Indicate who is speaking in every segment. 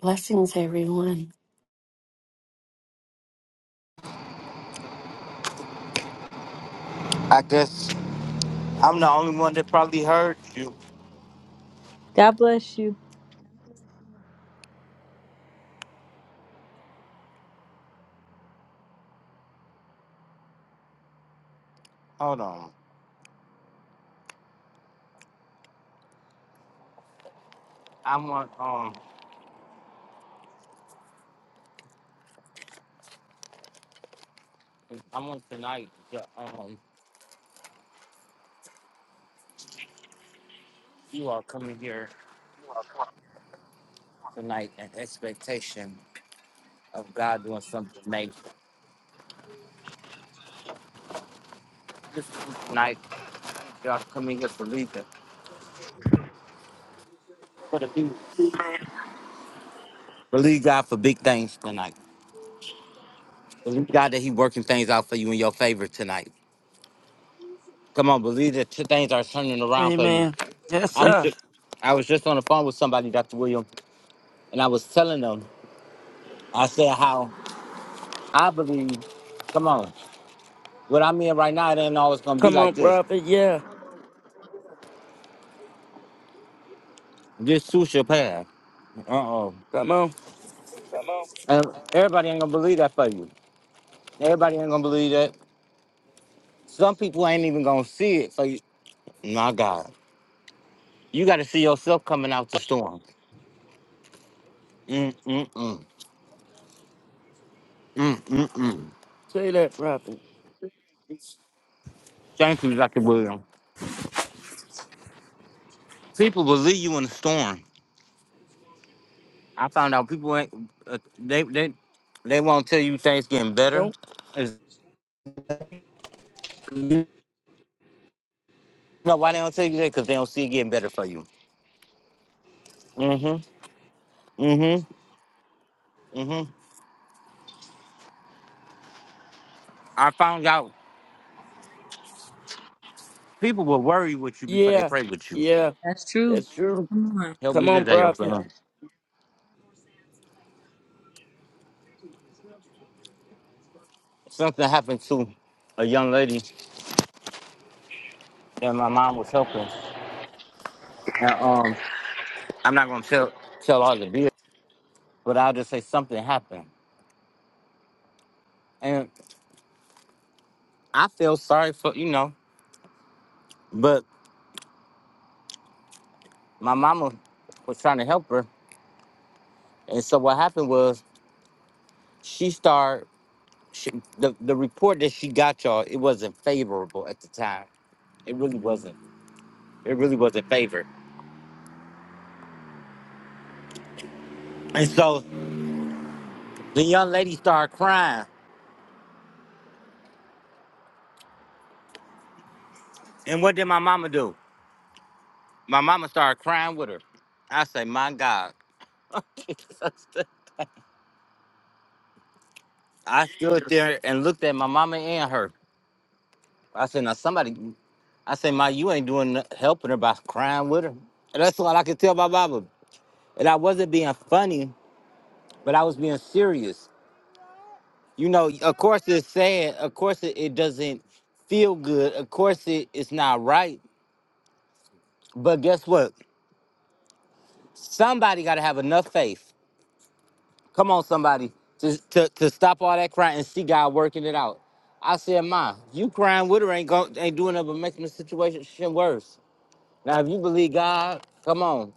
Speaker 1: Blessings, everyone.
Speaker 2: I guess I'm the only one that probably heard you.
Speaker 3: God bless you.
Speaker 2: Hold on. I'm on. Um, I'm on tonight. The, um, you are coming here tonight in expectation of God doing something major. This is tonight, y'all coming here to believe it. Believe God for big things tonight. Believe God that He working things out for you in your favor tonight. Come on, believe that two things are turning around for you.
Speaker 4: Amen. Yes,
Speaker 2: I'm
Speaker 4: sir.
Speaker 2: just, I was just on the phone with somebody, Dr. William, and I was telling them. I said how I believe. Come on. What I mean right now, it ain't always gonna be
Speaker 4: Come on,
Speaker 2: like this.
Speaker 4: prophet. Yeah.
Speaker 2: This too shall pass. Uh oh.
Speaker 4: Come on.
Speaker 5: Hello?
Speaker 2: And everybody ain't gonna believe that for you. Everybody ain't gonna believe that. Some people ain't even gonna see it for you. My God. You gotta see yourself coming out the storm. Mm mm mm. Mm mm mm.
Speaker 4: Say that, prophet.
Speaker 2: Thank you, Dr. William. People believe you in the storm. I found out people ain't uh, they they they won't tell you things getting better.
Speaker 4: Nope.
Speaker 2: It's- you know why they don't tell you that? Because they don't see it getting better for you. Mm hmm. Mm-hmm. Mm-hmm. I found out people will worry with you before they
Speaker 4: Yeah.
Speaker 2: pray with you.
Speaker 4: Yeah.
Speaker 3: That's true.
Speaker 4: That's true.
Speaker 3: Come on.
Speaker 2: Help me
Speaker 4: Come on,
Speaker 2: today,
Speaker 4: prophet.
Speaker 2: okay? Something happened to a young lady that my mom was helping. And um I'm not gonna tell tell all the deal, but I'll just say something happened. And I feel sorry for you know, but my mama was trying to help her. And so what happened was she started she, the, the report that she got y'all, it wasn't favorable at the time. It really wasn't. It really wasn't favored. And so the young lady started crying And what did my mama do? My mama started crying with her. I say, my God. I stood there and looked at my mama and her. I said, now somebody, I said, Ma, you ain't doing no- helping her by crying with her. And that's all I could tell my mama. And I wasn't being funny, but I was being serious. You know, of course it's sad. Of course it, it doesn't feel good. Of course it, it's not right. But guess what? Somebody got to have enough faith Come on, somebody, to, to, to stop all that crying and see God working it out. I said, Ma, you crying with her ain't go, ain't doing nothing but making the situation worse. Now, if you believe God, come on,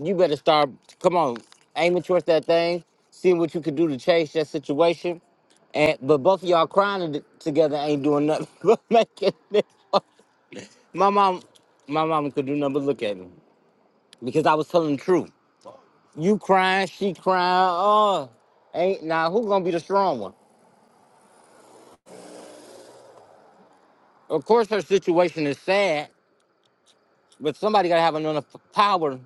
Speaker 2: you better start, come on, aiming towards that thing, seeing what you could do to change that situation. And but both of y'all crying to- together ain't doing nothing but making it. My mom, my mom could do nothing but look at me because I was telling the truth. You crying, she crying. Oh, ain't now who gonna be the strong one? Of course, her situation is sad, but somebody got to have enough power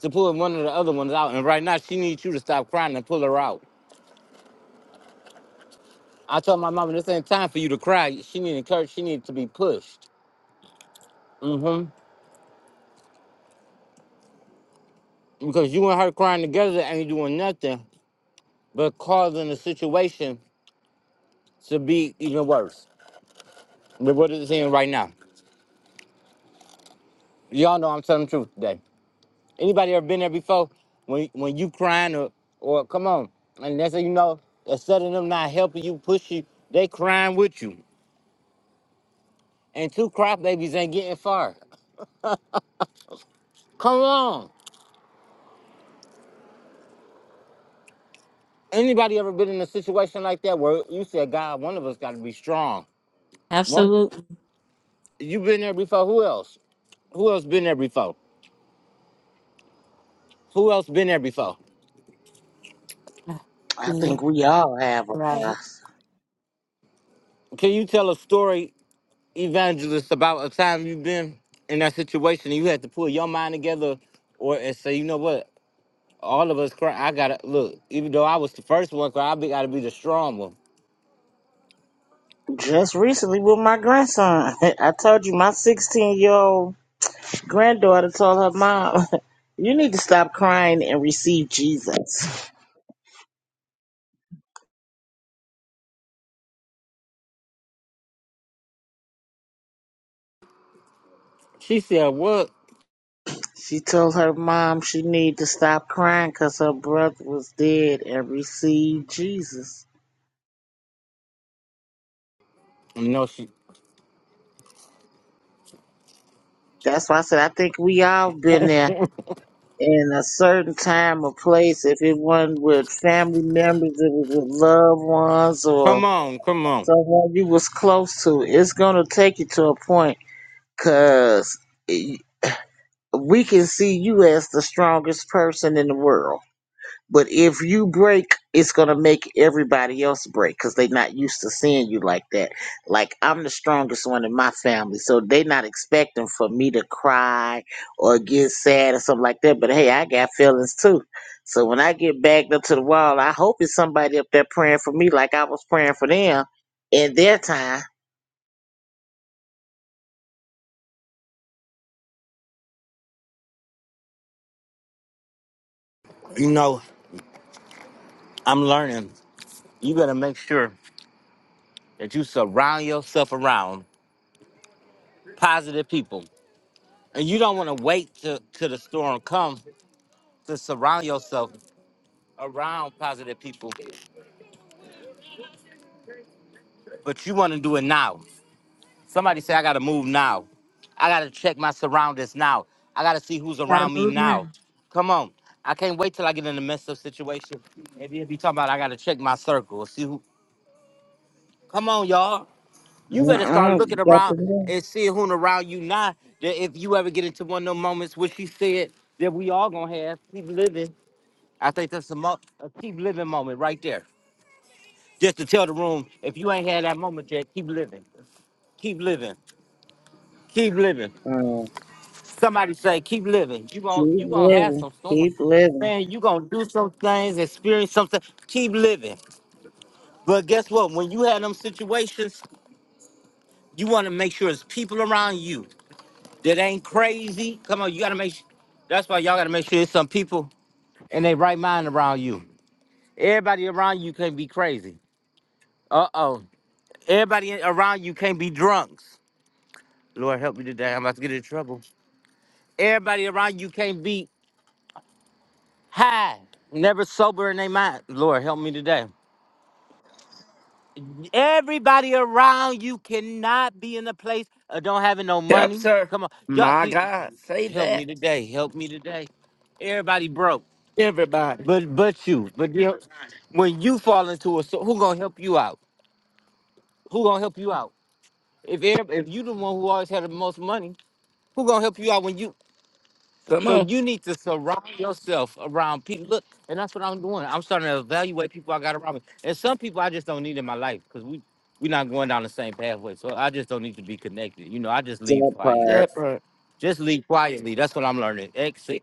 Speaker 2: to pull one of the other ones out. And right now, she needs you to stop crying and pull her out. I told my mama this ain't time for you to cry. She need encouragement. She needs to be pushed. hmm Because you and her crying together ain't doing nothing but causing the situation to be even worse than what it's in right now. Y'all know I'm telling the truth today. Anybody ever been there before? When when you crying or or come on, and that's how you know instead of them not helping you push you, they crying with you. And two cry babies ain't getting far. Come on. Anybody ever been in a situation like that where you said, God, one of us got to be strong. One,
Speaker 3: Absolutely.
Speaker 2: you been there before. Who else? Who else been there before? Who else been there before?
Speaker 1: Uh,
Speaker 6: I think
Speaker 1: Me,
Speaker 6: we all have a
Speaker 1: right?
Speaker 6: past.
Speaker 2: Can you tell a story, evangelist, about a time you've been in that situation and you had to pull your mind together, or and say, you know what? all of us cry. I gotta look, even though I was the first one cry, I be, gotta be the strong one.
Speaker 6: Just recently with my grandson, I told you my 16 year old granddaughter told her mom, "You need to stop crying and receive Jesus."
Speaker 2: She said, What?
Speaker 6: She told her mom she need to stop crying because her brother was dead and receive Jesus.
Speaker 2: You know, she
Speaker 6: That's why I said I think we all been there in a certain time or place. If it wasn't with family members, it was with loved ones or
Speaker 2: come on, come on.
Speaker 6: So what you was close to, it's gonna take you to a point, cause y- we can see you as the strongest person in the world. But if you break, it's gonna make everybody else break, cause they not used to seeing you like that. Like I'm the strongest one in my family, so they not expecting for me to cry or get sad or something like that. But hey, I got feelings too. So when I get backed up to the wall, I hope it's somebody up there praying for me like I was praying for them in their time
Speaker 2: You know, I'm learning. You gotta make sure that you surround yourself around positive people. And you don't wanna wait till, till the storm comes to surround yourself around positive people, but you wanna do it now. Somebody say, I gotta move now. I gotta check my surroundings now. I gotta see who's
Speaker 3: Gotta
Speaker 2: around me
Speaker 3: move
Speaker 2: now.
Speaker 3: now.
Speaker 2: Come on. I can't wait till I get in the mess up situation. And then be talking about I gotta check my circle. See who come on, y'all. You better start
Speaker 6: Uh-uh,
Speaker 2: looking
Speaker 6: got to
Speaker 2: around
Speaker 6: live.
Speaker 2: and seeing who around you now. That if you ever get into one of them moments which she said that we all gonna have, keep living. I think that's a, mo- a keep living moment right there. Just to tell the room, if you ain't had that moment yet, keep living. Keep living. Keep living.
Speaker 6: Uh,
Speaker 2: Somebody say, keep living. You gon'
Speaker 6: keep
Speaker 2: you gonna have
Speaker 6: living,
Speaker 2: some storms.
Speaker 6: keep living.
Speaker 2: Man, you gonna do some things, experience something. Keep living. But guess what? When you have them situations, you wanna make sure it's people around you that ain't crazy. Come on, you gotta make sure that's why y'all gotta make sure it's some people in their right mind around you. Everybody around you can't be crazy. Uh-oh. Everybody around you can't be drunks. Lord help me today. I'm about to get in trouble. Everybody around you can't be high, never sober in their mind. Lord, help me today. Everybody around you cannot be in a place of don't having no
Speaker 4: Help,
Speaker 2: money.
Speaker 4: sir.
Speaker 2: Come on, y'all
Speaker 4: My
Speaker 2: see,
Speaker 4: God. Say
Speaker 2: help me
Speaker 4: that.
Speaker 2: today, help me today. Everybody broke,
Speaker 4: Everybody.
Speaker 2: but but you, but you, when you fall into a, so who gonna help you out? Who gonna help you out? If every- if you the one who always had the most money, who gonna help you out when you
Speaker 4: Come
Speaker 2: So
Speaker 4: on.
Speaker 2: you need to surround yourself around people. Look, and that's what I'm doing. I'm starting to evaluate people I got around me. And some people I just don't need in my life because we we're not going down the same pathway. So I just don't need to be connected. You know, I just leave
Speaker 6: That
Speaker 2: quietly.
Speaker 6: part.
Speaker 4: That part.
Speaker 2: Just leave quietly. That's what I'm learning. Exit.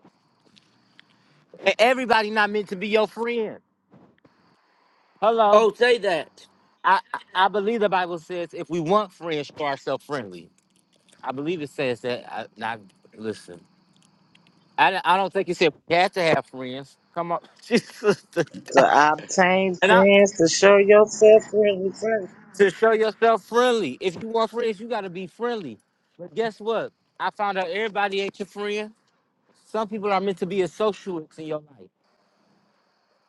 Speaker 2: And everybody not meant to be your friend. Hello.
Speaker 4: Oh, say that.
Speaker 2: I, I I believe the Bible says if we want friends, show ourselves friendly. I believe it says that. I, now, listen, I, I don't think it said we had to have friends. Come on, Jesus.
Speaker 6: To obtain
Speaker 2: And I,
Speaker 6: friends, to show yourself friendly
Speaker 2: to show yourself friendly. If you want friends, you gotta be friendly. But guess what? I found out everybody ain't your friend. Some people are meant to be associates in your life.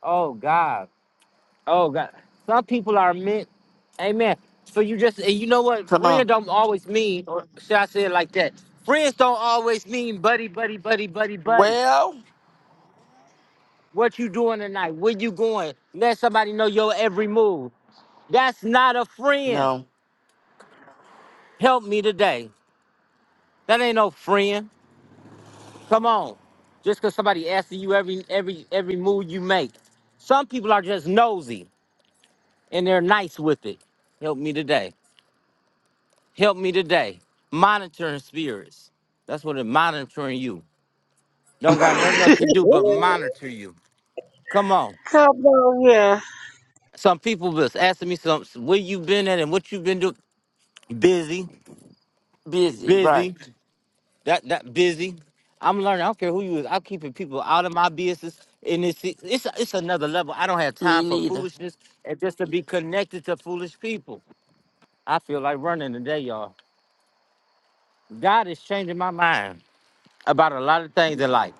Speaker 2: Oh God. Oh God. Some people are meant. Amen. So you just and you know what?
Speaker 4: Come on.
Speaker 2: Friend don't always mean, or should I say it like that? Friends don't always mean buddy, buddy, buddy, buddy, buddy.
Speaker 4: Well,
Speaker 2: What you doing tonight? Where you going? Let somebody know your every move. That's not a friend.
Speaker 4: no.
Speaker 2: Help me today. That ain't no friend. Come on. Just because somebody asking you every every every move you make. Some people are just nosy and they're nice with it. Help me today. Help me today. Monitoring spirits. That's what it. monitoring you. Don't got nothing else
Speaker 6: first.
Speaker 2: to do but monitor you. Come on.
Speaker 6: Come on here.
Speaker 2: Some people was asking me some where you been at and what you been doing. Busy,
Speaker 4: Busy.
Speaker 2: busy.
Speaker 4: Right.
Speaker 2: That that busy. I'm learning. I don't care who you is. I'm keeping people out of my business. And it's it's it's another level. I don't have time
Speaker 4: Me
Speaker 2: for
Speaker 4: neither.
Speaker 2: foolishness and just to be connected to foolish people. I feel like running today, y'all. God is changing my mind about a lot of things in life.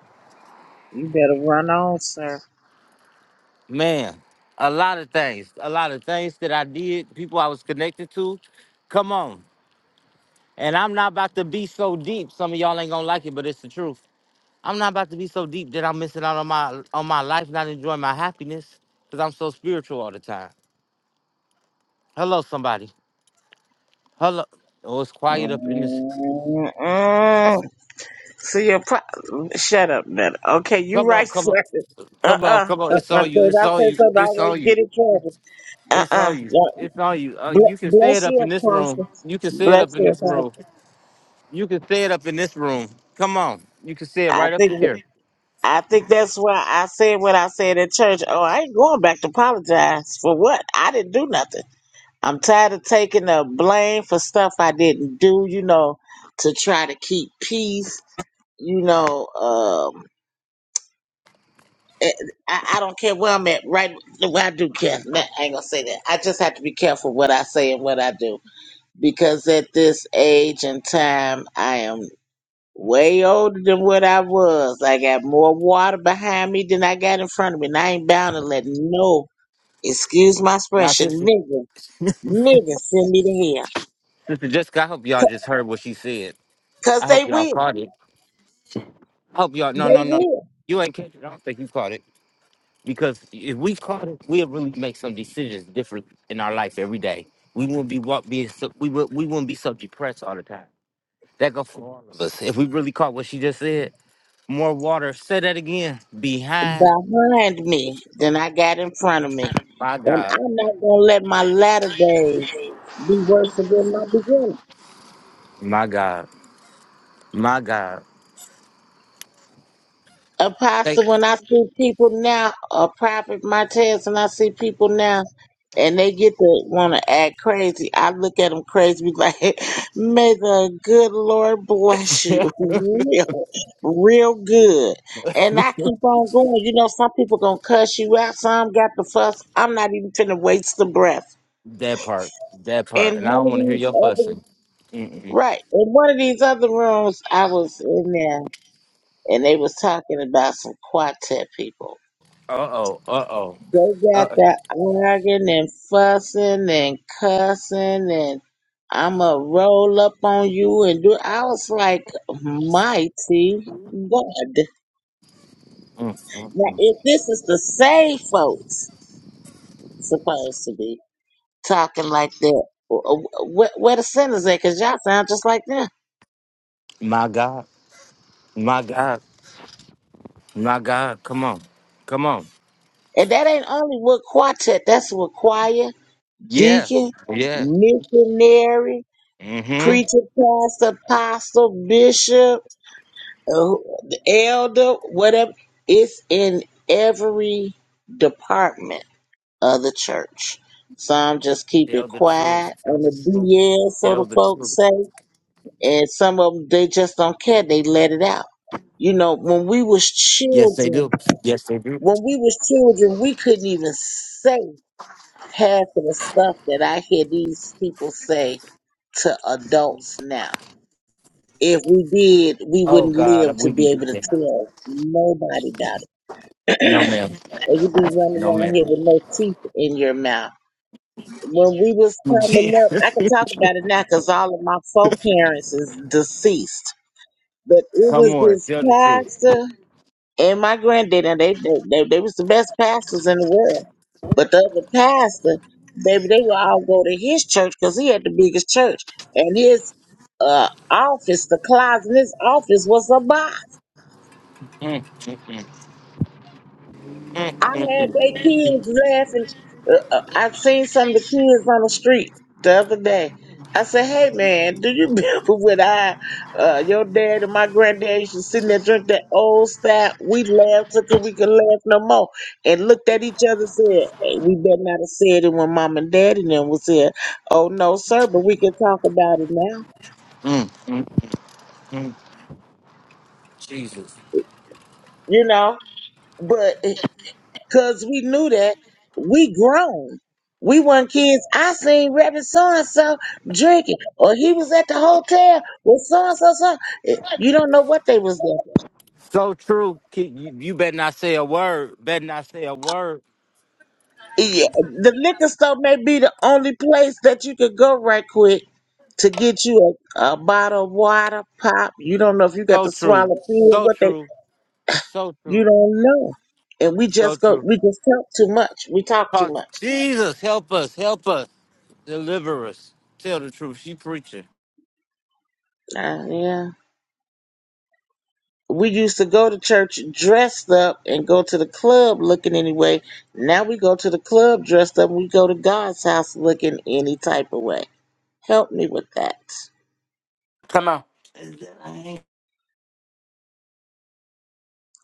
Speaker 6: You better run on, sir.
Speaker 2: Man, a lot of things. A lot of things that I did, people I was connected to. Come on. And I'm not about to be so deep. Some of y'all ain't gonna like it, but it's the truth. I'm not about to be so deep that I'm missing out on my on my life, not enjoying my happiness, because I'm so spiritual all the time. Hello, somebody. Hello. Oh, it's quiet up in this.
Speaker 6: Mm-mm. See your pro- Shut up, man. Okay, you
Speaker 2: Come
Speaker 6: right,
Speaker 2: on, come
Speaker 6: sir.
Speaker 2: on,
Speaker 6: Uh-uh,
Speaker 2: come on, come on. It's
Speaker 6: uh-uh,
Speaker 2: all you.
Speaker 6: cause
Speaker 2: It's
Speaker 6: I
Speaker 2: all
Speaker 6: say
Speaker 2: you.
Speaker 6: something, I
Speaker 2: It's all
Speaker 6: always
Speaker 2: you.
Speaker 6: get in trouble.
Speaker 2: It's, it's
Speaker 6: Uh-uh.
Speaker 2: on you.
Speaker 6: Yeah.
Speaker 2: It's all you. Uh, you
Speaker 6: Ble-
Speaker 2: can say it
Speaker 6: bless
Speaker 2: up
Speaker 6: you,
Speaker 2: in this room.
Speaker 6: Apostle.
Speaker 2: You can say it
Speaker 6: Bless
Speaker 2: up in
Speaker 6: you,
Speaker 2: this room.
Speaker 6: Apostle.
Speaker 2: You can say it up in this room. Come on. You can say it
Speaker 6: I
Speaker 2: right up
Speaker 6: think.
Speaker 2: to here.
Speaker 6: I think that's why I said what I said at church. Oh, I ain't going back to apologize for what? I didn't do nothing. I'm tired of taking the blame for stuff I didn't do, you know, to try to keep peace, you know. Um, eh, I, I don't care where I'm at, right? Where I do care. Nah, I ain't gonna say that. I just have to be careful what I say and what I do because at this age and time, I am. way older than what I was. I got more water behind me than I got in front of me, and I ain't bound to let no, excuse my
Speaker 2: Now,
Speaker 6: expression,
Speaker 2: sister,
Speaker 6: nigga, nigga send me to
Speaker 2: sister Jessica, I hope y'all
Speaker 6: hell.
Speaker 2: just heard what she said.
Speaker 6: Cause
Speaker 2: I hope
Speaker 6: they
Speaker 2: y'all
Speaker 6: will.
Speaker 2: caught it. I hope y'all. No, no,
Speaker 6: They
Speaker 2: no.
Speaker 6: will.
Speaker 2: You ain't catch it. I don't think you caught it. Because if we caught it, we'll really make some decisions different in our life every day. We wouldn't be what being sub- we would we wouldn't be subject press all the time. That go for all of us. If we really caught what she just said, more water. Say that again. Behind
Speaker 6: Behind me than I got in front of me.
Speaker 2: my
Speaker 6: And
Speaker 2: God,
Speaker 6: I'm not gonna let my latter days be worse than my beginning.
Speaker 2: my God, my God. Thank-
Speaker 6: Apostle, when I see people now, or Prophet Martez, and I see people now, and they get to want to act crazy, I look at them crazy, be like, may the good Lord bless you real, real good. And I keep on going. You know, some people going to cuss you out, some got the fuss. I'm not even finna waste the breath.
Speaker 2: that part, that part,
Speaker 6: And
Speaker 2: and I
Speaker 6: one
Speaker 2: don't
Speaker 6: of
Speaker 2: want to hear
Speaker 6: these
Speaker 2: your
Speaker 6: other,
Speaker 2: fussing. Mm-mm.
Speaker 6: right, in one of these other rooms, I was in there, and they was talking about some quartet people
Speaker 2: Uh oh, uh oh,
Speaker 6: They got
Speaker 2: uh
Speaker 6: that arguing and fussing and cussing and I'ma roll up on you and do I was like, mighty God.
Speaker 2: oh.
Speaker 6: Now if this is the same folks supposed to be talking like that, wh- wh- where, where the sinners at? Cause y'all sound just like them.
Speaker 2: My God, my God, my God. Come on, come on.
Speaker 6: And that ain't only with quartet, that's with choir,
Speaker 2: Yeah,
Speaker 6: deacon,
Speaker 2: yeah.
Speaker 6: missionary,
Speaker 2: Mm-hmm.
Speaker 6: preacher, pastor, apostle, bishop. oh, the elder, whatever. It's in every department of the church. Some just keep
Speaker 2: Tell
Speaker 6: it
Speaker 2: the truth.
Speaker 6: quiet
Speaker 2: Tell
Speaker 6: on
Speaker 2: the
Speaker 6: the
Speaker 2: truth.
Speaker 6: DL, so the
Speaker 2: Tell the truth.
Speaker 6: folks say, and some of them they just don't care. They let it out. You know, when we was
Speaker 2: Yes, they
Speaker 6: children,
Speaker 2: do. Yes, they do.
Speaker 6: when we was children, we couldn't even say half of the stuff that I hear these people say to adults now. If we did, we
Speaker 2: Oh
Speaker 6: wouldn't live
Speaker 2: God,
Speaker 6: to
Speaker 2: we be
Speaker 6: be
Speaker 2: doing
Speaker 6: able to
Speaker 2: that.
Speaker 6: tell nobody about it.
Speaker 2: No, ma'am.
Speaker 6: or you be running
Speaker 2: No,
Speaker 6: around here
Speaker 2: ma'am.
Speaker 6: with no teeth in your mouth. When we was coming up, I could talk about it now because all of my four parents is deceased. But it
Speaker 2: Come
Speaker 6: was
Speaker 2: on,
Speaker 6: this
Speaker 2: tell the truth.
Speaker 6: pastor and my granddaddy. and They they, they they was the best pastors in the world. But the other pastor, baby, they would all go to his church because he had the biggest church. And his uh office, the closet in his office was a box.
Speaker 2: Mm, mm, mm,
Speaker 6: I
Speaker 2: mm, mm,
Speaker 6: had
Speaker 2: mm.
Speaker 6: they kids laughing. Uh, uh, I seen some of the kids on the street the other day. I said, "Hey man, do you remember when I, uh, your dad and my granddad used to sit there drink that old stout? We laughed till we could laugh no more, and looked at each other and said, hey, we better not have said it when mom and dad and them was here. Oh no, sir, but we can talk about it now,
Speaker 2: Jesus,
Speaker 6: you know." But because we knew that we grown. We weren't kids. I seen Reverend so and so drinking, or he was at the hotel with so and so. so. You don't know what they was doing.
Speaker 2: so true. Ki- You, you better not say a word. Better not say a word.
Speaker 7: But I I
Speaker 6: Yeah,
Speaker 7: can't stop
Speaker 6: the
Speaker 7: thinking about
Speaker 6: liquor store may be the only place that you could go right quick to get you a, a bottle of water, pop. You don't know if you got
Speaker 2: So
Speaker 6: to swallow
Speaker 2: true.
Speaker 6: pill,
Speaker 2: So
Speaker 6: what they.
Speaker 2: true. So
Speaker 6: You
Speaker 2: true.
Speaker 6: don't know, and we
Speaker 2: So
Speaker 6: just go.
Speaker 2: true.
Speaker 6: We just talk too much. We talk too
Speaker 2: Talk-
Speaker 6: much.
Speaker 2: Jesus, help us. Help us. Deliver us. Tell the truth. She preaching.
Speaker 6: Uh, yeah. we used to go to church dressed up and go to the club looking anyway. Now we go to the club dressed up. and We go to God's house looking any type of way. Help me with that.
Speaker 4: Come on. Is that I? ain't-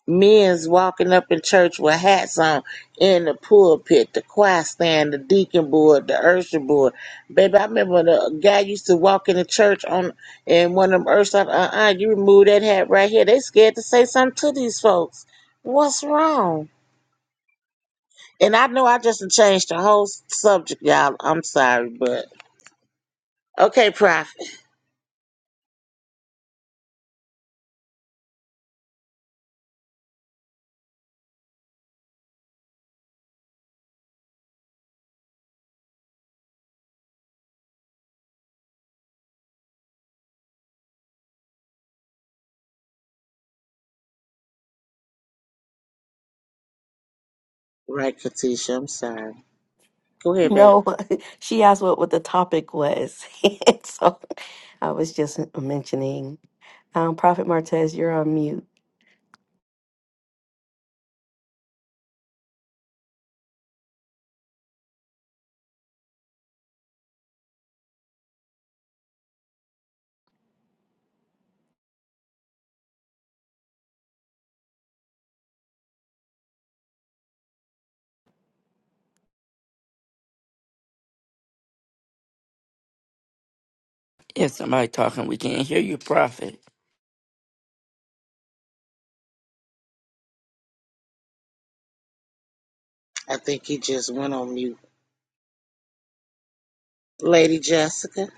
Speaker 6: Men's walking up in church with hats on in the pulpit, the choir stand, the deacon board, the usher board. Baby, I remember the guy used to walk in the church on and one of them ushers, uh uh, you remove that hat right here. They scared to say something to these folks. What's wrong? And I know I just done changed the whole s- subject, y'all. I'm sorry, but okay, Prophet. Right, Katisha, I'm sorry. Go ahead, baby.
Speaker 1: No, she asked what, what the topic was. so I was just mentioning. Um, Prophet Martez, you're on mute.
Speaker 4: If somebody talking, we can't hear you, prophet.
Speaker 6: I think he just went on mute. Lady Jessica.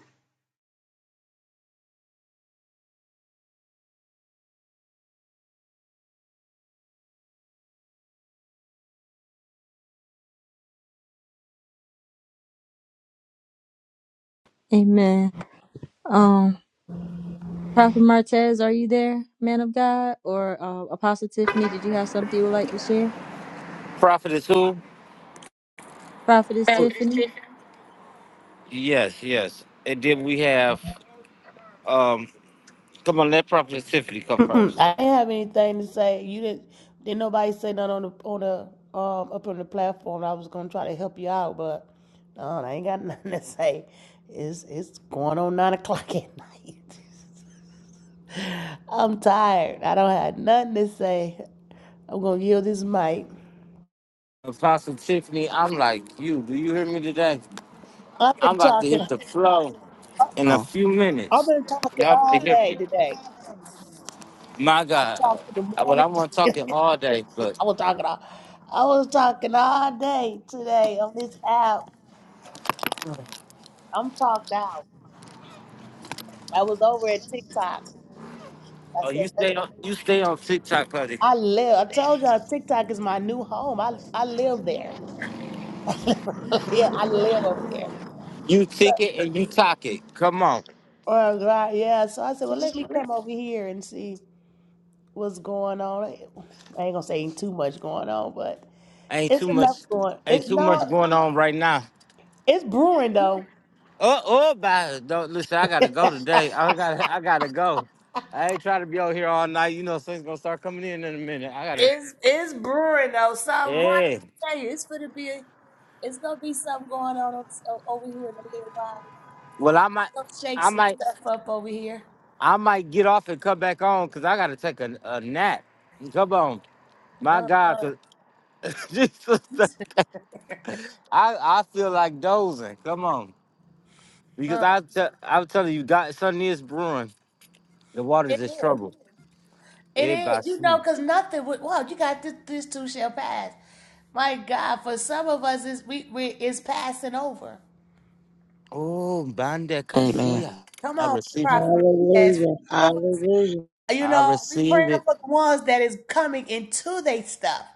Speaker 3: Amen. Um, Prophet Martez, are you there, man of God? Or uh, Apostle Tiffany, did you have something you would like to share?
Speaker 2: Prophet is who?
Speaker 3: Prophetess Tiffany?
Speaker 2: Yes, yes. And then we have um come on, let Prophet Tiffany come
Speaker 8: Mm-mm,
Speaker 2: first.
Speaker 8: I didn't have anything to say. You didn't. Didn't nobody say nothing on the on the um up on the platform. I was gonna try to help you out, but no, I ain't got nothing to say. It's it's going on nine o'clock at night. I'm tired. I don't have nothing to say. I'm gonna yield this mic.
Speaker 2: Apostle Tiffany, I'm like you. Do you hear me today?
Speaker 8: I've
Speaker 2: I'm
Speaker 8: been
Speaker 2: about to hit
Speaker 8: talking.
Speaker 2: the flow in a
Speaker 4: Oh,
Speaker 2: few
Speaker 8: I've
Speaker 2: minutes.
Speaker 8: been talking
Speaker 2: Y'all to
Speaker 8: all
Speaker 2: hear
Speaker 8: day
Speaker 2: me.
Speaker 8: today.
Speaker 2: My
Speaker 8: I
Speaker 2: God.
Speaker 8: talked in the
Speaker 2: Well,
Speaker 8: morning.
Speaker 2: I want to talk it
Speaker 8: I
Speaker 2: all day, but
Speaker 8: was talking all. I was talking all day today on this app. I'm talked out. I was over at TikTok. I
Speaker 2: oh, you
Speaker 8: said, "Let-
Speaker 2: stay on you stay on TikTok, buddy.
Speaker 8: I live. I told y'all TikTok is my new home. I I live there. Yeah, I live over there.
Speaker 2: You tick it and you talk it. Come on.
Speaker 8: Oh God, yeah. So I said, well, let me come over here and see what's going on. I ain't gonna say ain't too much going on, but
Speaker 2: Ain't
Speaker 8: it's
Speaker 2: too much
Speaker 8: enough going.
Speaker 2: ain't
Speaker 8: It's
Speaker 2: too much
Speaker 8: no,
Speaker 2: going on right now.
Speaker 8: it's brewing though.
Speaker 2: Oh, oh, bye. Don't listen. I gotta go today. I gotta, I gotta go. I ain't trying to be out here all night. You know, things gonna start coming in in a minute. I gotta.
Speaker 8: It's it's brewing though. Something. Why
Speaker 2: Yeah.
Speaker 8: did I tell you? It's gonna be. A, it's gonna be something going on o- over here in a little while.
Speaker 2: Well, I
Speaker 8: I'm
Speaker 2: might,
Speaker 8: gonna shake
Speaker 2: I
Speaker 8: some
Speaker 2: might,
Speaker 8: stuff up over here.
Speaker 2: I might get off and come back on because I gotta take a, a nap. Come on, my
Speaker 8: Uh,
Speaker 2: God,
Speaker 8: uh,
Speaker 2: cause Jesus, I, I feel like dozing. Come on, because
Speaker 8: uh.
Speaker 2: I, te- I'm telling you, God, something is brewing. The waters
Speaker 8: It
Speaker 2: is
Speaker 8: is.
Speaker 2: trouble.
Speaker 8: It
Speaker 2: Eh,
Speaker 8: is. You
Speaker 2: Basu.
Speaker 8: know, because nothing. Would, well, you got this, this too shall pass. My God, for some of us, is we, we it's passing over.
Speaker 2: Oh, bande casilla.
Speaker 4: amen.
Speaker 8: Come
Speaker 2: I
Speaker 8: on,
Speaker 2: received it.
Speaker 8: Prophet. Martez. For
Speaker 6: Hallelujah.
Speaker 8: some of us,
Speaker 6: Hallelujah.
Speaker 8: you
Speaker 2: I
Speaker 8: know, we praying
Speaker 2: receive it.
Speaker 8: for the ones that is coming into they stuff.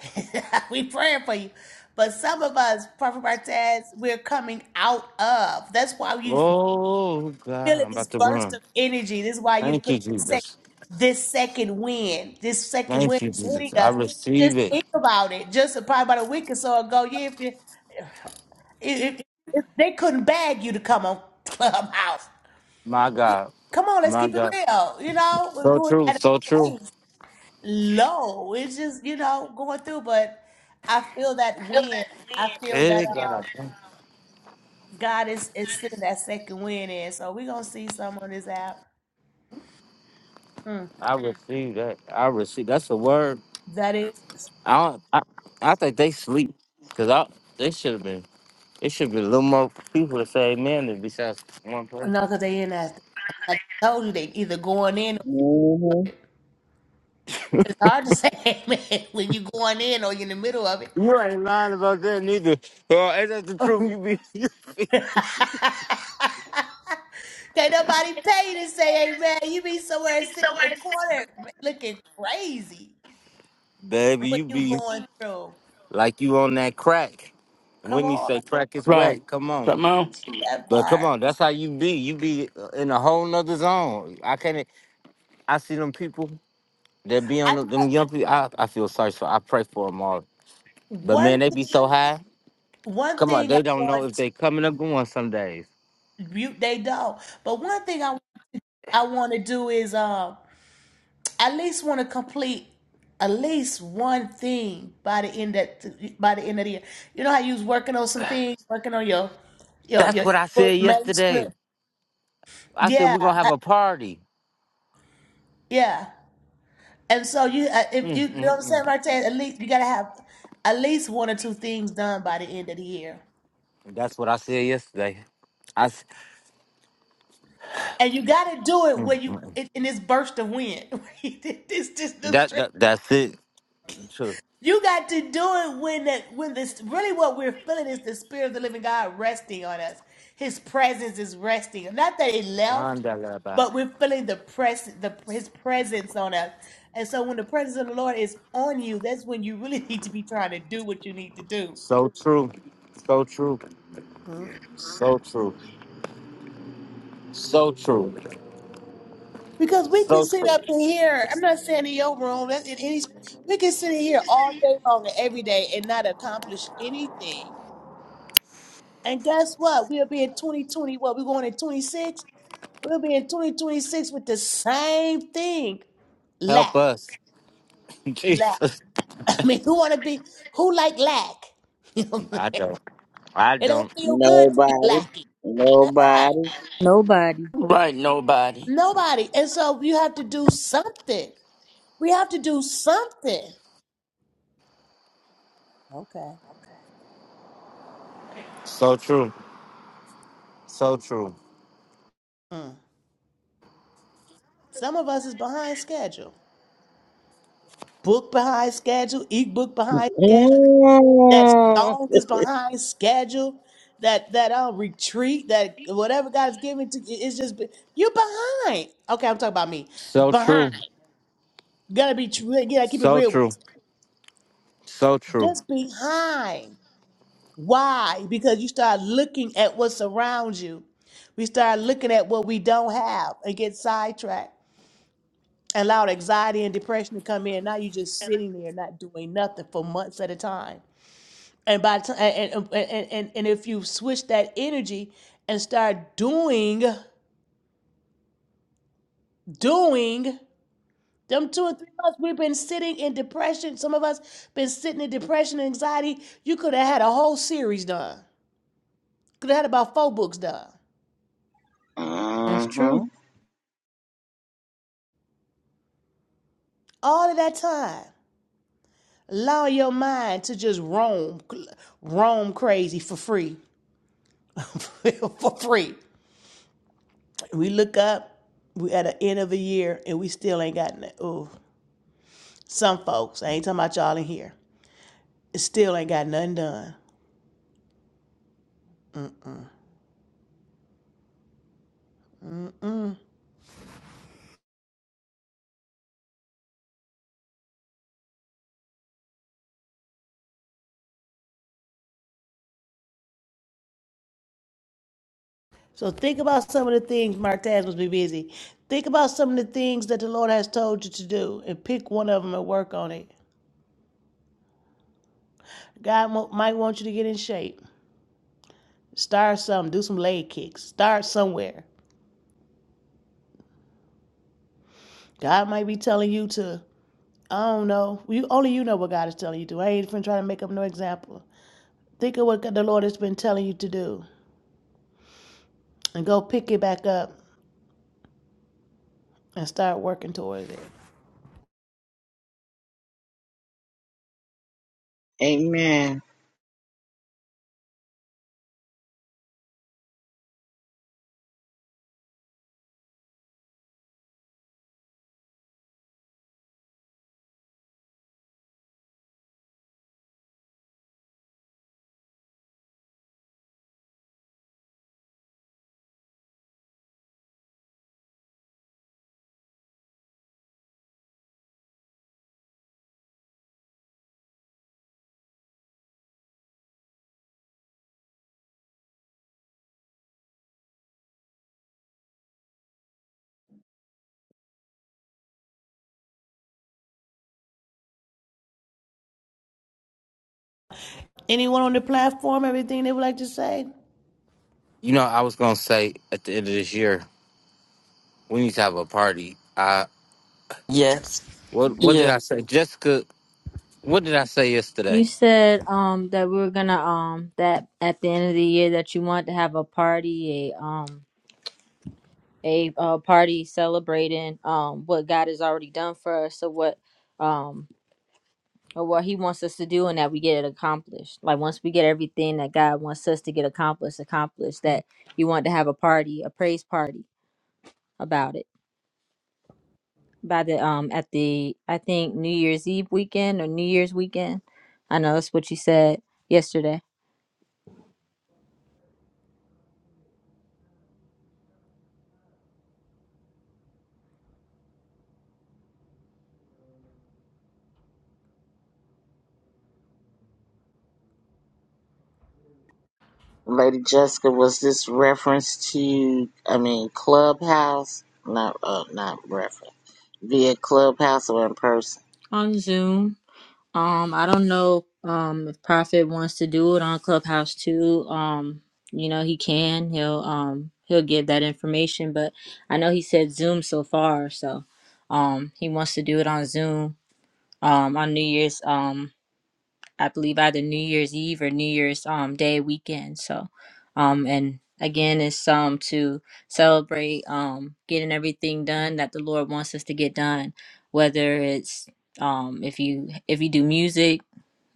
Speaker 8: we praying for you, but some of us, Prophet Martez, we're coming out of. That's why you.
Speaker 2: Oh God,
Speaker 8: feeling
Speaker 2: I'm
Speaker 8: this
Speaker 2: about to
Speaker 8: burst
Speaker 2: run.
Speaker 8: of energy. This is why you
Speaker 2: Thank
Speaker 8: feel
Speaker 2: you,
Speaker 8: this second,
Speaker 2: Jesus.
Speaker 8: this second wind. This second
Speaker 2: Thank
Speaker 8: wind
Speaker 2: you,
Speaker 8: is hitting
Speaker 2: Jesus. I
Speaker 8: us. Just
Speaker 2: receive it.
Speaker 8: think about it. Just probably about a week or so ago, yeah, if, you, if, if, if they couldn't bag you to come on Clubhouse,
Speaker 2: My God.
Speaker 8: come on, let's
Speaker 2: My
Speaker 8: keep it
Speaker 2: God.
Speaker 8: real. You know, we we
Speaker 2: So
Speaker 8: was
Speaker 2: true.
Speaker 8: at
Speaker 2: So
Speaker 8: a
Speaker 2: true.
Speaker 8: place low. It's just you know going through, but I feel that wind. I feel that
Speaker 2: Hey, God, I,
Speaker 8: um,
Speaker 2: thank-
Speaker 8: God is is sending that second wind in. So we are gonna see some on this app. Mm.
Speaker 2: I receive that. I receive. That's a word.
Speaker 8: That is
Speaker 2: I don't, I, I think they sleep because I they should have been. It should be a little more people to say amen than besides one
Speaker 8: No,
Speaker 2: person.
Speaker 8: because they in after. Like I told you, they either going in. Or,
Speaker 6: hmm
Speaker 8: it's hard to say, man, when you going in or you in the middle of it.
Speaker 2: You ain't lying about that neither. Well, ain't that the truth? You be,
Speaker 8: Can't nobody pay you to say amen. You be somewhere sitting in the corner looking crazy
Speaker 2: baby,
Speaker 8: what
Speaker 2: you
Speaker 8: you
Speaker 2: be
Speaker 8: going through.
Speaker 2: like you on that crack. And
Speaker 8: Come
Speaker 2: Whitney
Speaker 8: on,
Speaker 2: say crack is whack.
Speaker 4: Right.
Speaker 2: Come on.
Speaker 4: Come on.
Speaker 8: that
Speaker 2: But come
Speaker 8: part.
Speaker 2: on, that's how you be. You be uh, in a whole nother zone. I can't. e, I see them people that be on
Speaker 8: I
Speaker 2: the, them young people. I, I feel sorry for. I pray for them all. But man,
Speaker 8: one
Speaker 2: they be
Speaker 8: thing,
Speaker 2: so high.
Speaker 8: one
Speaker 2: Come on,
Speaker 8: thing I
Speaker 2: they don't know
Speaker 8: want
Speaker 2: if
Speaker 8: to
Speaker 2: they coming or going some days.
Speaker 8: you, they don't. But one thing I I want to do is um at least want to complete at least one thing by the end that by the end of the year. You know how you was working on some things, working on your your
Speaker 2: That's
Speaker 8: your
Speaker 2: what I said
Speaker 8: book
Speaker 2: yesterday.
Speaker 8: manuscript.
Speaker 2: I said
Speaker 8: Yeah,
Speaker 2: we're gonna have
Speaker 8: uh,
Speaker 2: a party.
Speaker 8: yeah. And so you, uh, if you,
Speaker 2: Mm,
Speaker 8: you know what
Speaker 2: mm,
Speaker 8: I'm saying,
Speaker 2: mm.
Speaker 8: Martin, at least you gotta have at least one or two things done by the end of the year.
Speaker 2: That's what I said yesterday. I s-
Speaker 8: And you gotta do it
Speaker 2: mm,
Speaker 8: when you
Speaker 2: mm, mm.
Speaker 8: in, in this burst of wind. this this this
Speaker 2: that that that's it. True.
Speaker 8: You got to do it when that when this really what we're feeling is the spirit of the living God resting on us. His presence is resting. Not that it left,
Speaker 2: Wanda Laba.
Speaker 8: but we're feeling the press the his presence on us. And so when the presence of the Lord is on you, that's when you really need to be trying to do what you need to do.
Speaker 2: So true. So true. So true. So true.
Speaker 8: Because we can
Speaker 2: So
Speaker 8: sit
Speaker 2: true.
Speaker 8: up in here. I'm not saying in your room. That's in any. We can sit in here all day long and every day and not accomplish anything. And guess what? We'll be in 2020. What we going in 26? We'll be in 2026 with the same thing.
Speaker 2: Help
Speaker 8: Lack,
Speaker 2: us.
Speaker 8: lack.
Speaker 2: Jesus.
Speaker 8: I mean, who want to be, who like lack? You know what I'm
Speaker 2: I
Speaker 8: saying?
Speaker 2: don't. I
Speaker 8: It
Speaker 2: don't.
Speaker 8: don't feel good to be
Speaker 6: Nobody.
Speaker 8: lacking. Nobody.
Speaker 6: Nobody.
Speaker 3: Nobody.
Speaker 4: Right, nobody.
Speaker 8: Nobody. And so you have to do something. We have to do something. Okay.
Speaker 2: So true. So true.
Speaker 8: Mm. Some of us is behind schedule. Book behind schedule, e-book behind schedule. that song is behind schedule that that uh retreat that whatever god's giving to you it's just be- you're behind okay i'm talking about me
Speaker 2: So
Speaker 8: behind
Speaker 2: true.
Speaker 8: gotta be true Yeah, keep it
Speaker 2: So
Speaker 8: real with
Speaker 2: true. So
Speaker 8: you.
Speaker 2: true.
Speaker 8: just behind why because you start looking at what's around you we start looking at what we don't have and get sidetracked and allowed anxiety and depression to come in now you're just sitting there not doing nothing for months at a time and by the time and and, and and if you switch that energy and start doing doing them two or three months we've been sitting in depression some of us been sitting in depression and anxiety you could have had a whole series done could have had about four books done
Speaker 3: That's
Speaker 6: Mm-hmm.
Speaker 3: true.
Speaker 8: all of that time allow your mind to just roam roam crazy for free for free we look up we at the end of a year and we still ain't gotten it. Ooh, some folks. I ain't talking about y'all in here. still ain't got nothing done. So think about some of the things Mark Taz must be busy. Think about some of the things that the Lord has told you to do and pick one of them and work on it. God mo- might want you to get in shape. Start some, do some leg kicks. Start somewhere. God might be telling you to, I don't know. You only you know what God is telling you to. I ain't even trying to make up no example. Think of what the Lord has been telling you to do and go pick it back up and start working towards it.
Speaker 6: Amen.
Speaker 8: Anyone on the platform, everything they would like to say?
Speaker 2: You know, I was gonna say at the end of this year, we need to have a party. Uh
Speaker 4: Yes.
Speaker 2: what what did
Speaker 4: Yeah.
Speaker 2: I say? Jessica, what did I say yesterday?
Speaker 3: You said um that we were gonna um that at the end of the year that you want to have a party, a um a uh, party celebrating um what God has already done for us. So what um or what he wants us to do and that we get it accomplished like once we get everything that god wants us to get accomplished accomplished that you want to have a party a praise party about it by the um at the i think new year's eve weekend or new year's weekend i know that's what you said yesterday
Speaker 6: Lady Jessica, was this reference to, I mean, Clubhouse? Not, uh, not reference. Via Clubhouse or in person?
Speaker 3: on zoom Um, I don't know um if Prophet wants to do it on Clubhouse too. Um, you know, he can. He'll um he'll give that information, but I know he said Zoom so far, so um he wants to do it on Zoom um on New Year's um I believe either New Year's Eve or New Year's um day weekend. So um and again it's um to celebrate um getting everything done that the Lord wants us to get done, whether it's um if you if you do music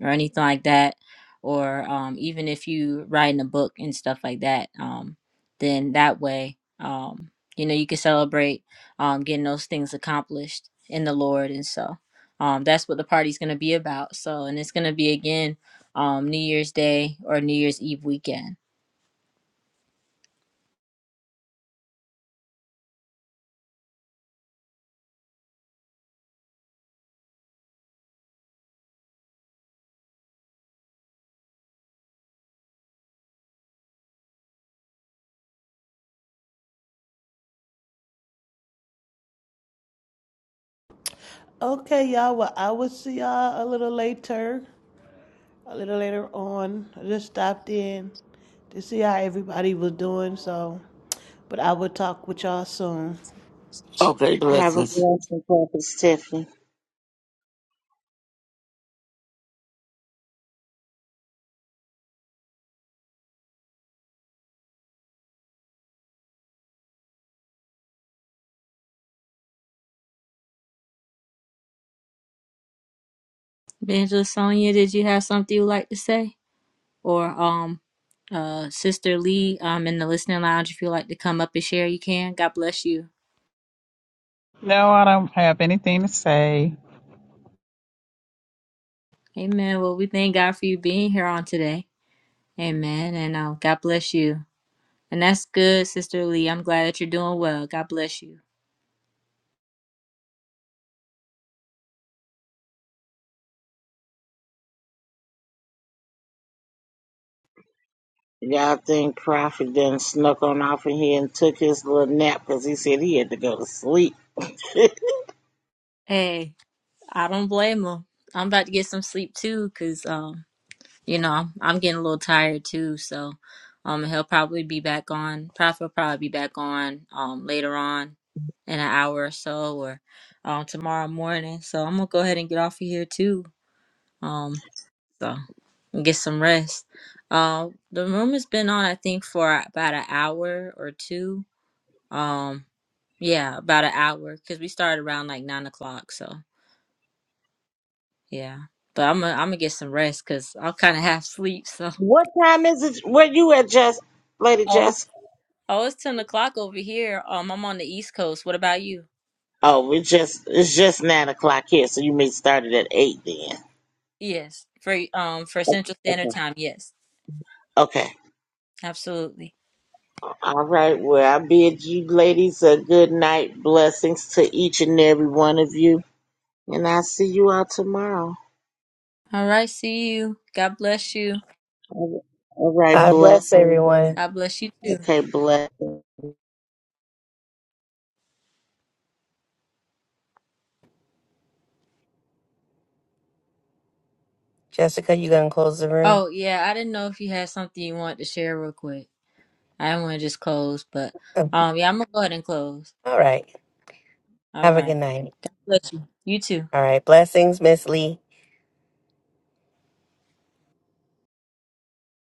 Speaker 3: or anything like that or um, even if you writing a book and stuff like that um, then that way um, you know you can celebrate um, getting those things accomplished in the lord and so um, that's what the party's going to be about so and it's going to be again um, new year's day or new year's eve weekend
Speaker 8: Okay, y'all. Well, I will see y'all a little later, a little later on. I just stopped in to see how everybody was doing. So, but I will talk with y'all soon.
Speaker 4: Okay.
Speaker 6: Have a
Speaker 4: Blessings.
Speaker 6: blessing, Prophet Tiffany.
Speaker 3: evangelist sonia did you have something you'd like to say or um, uh, sister lee um, in the listening lounge if you'd like to come up and share you can god bless you
Speaker 9: No, I don't have anything to say.
Speaker 3: Amen. Well, we thank God for you being here on today. Amen. And uh, God bless you. And that's good, Sister Lee. I'm glad that you're doing well. God bless you.
Speaker 6: Y'all think Prophet then snuck on off in here and took his little nap because he said he had to go to sleep.
Speaker 3: Hey, I don't blame them. I'm about to get some sleep too, cause um, you know, I'm, I'm getting a little tired too. So, um, he'll probably be back on. Prophet will probably be back on um later on in an hour or so, or um tomorrow morning. So I'm gonna go ahead and get off of here too. Um. so get some rest. Uh, the room has been on, I think, for about an hour or two. Um, yeah, about an hour because we started around like nine o'clock. So yeah, but I'm gonna I'm gonna get some rest because I'll kind of half sleep. So
Speaker 6: what time is it? Where you at, Jess? Lady
Speaker 3: oh, it's-
Speaker 6: Jess?
Speaker 3: oh, it's ten o'clock over here. Um, I'm on the East Coast. What about you?
Speaker 6: Oh, we just it's just nine o'clock here, so you may start it at eight then.
Speaker 3: Yes, for um for
Speaker 6: Okay.
Speaker 3: Central Standard
Speaker 6: Okay.
Speaker 3: Time. Yes,
Speaker 6: Okay.
Speaker 3: absolutely.
Speaker 6: All right. Well, I bid you ladies a good night. Blessings to each and every one of you, and I'll see you all tomorrow.
Speaker 3: All right, see you. God bless you.
Speaker 6: All right.
Speaker 1: God bless
Speaker 6: Blessing.
Speaker 1: everyone.
Speaker 3: God bless you too.
Speaker 6: Okay. Bless.
Speaker 1: Jessica, you gonna close the room?
Speaker 3: Oh yeah, I didn't know if you had something you wanted to share real quick. I didn't want to just close, but
Speaker 1: Oh,
Speaker 3: um, yeah, I'm gonna go ahead and close.
Speaker 1: all right.
Speaker 3: All
Speaker 1: Have a good
Speaker 3: right.
Speaker 1: night.
Speaker 3: God bless you. You too.
Speaker 1: All right. Blessings, Miss Lee.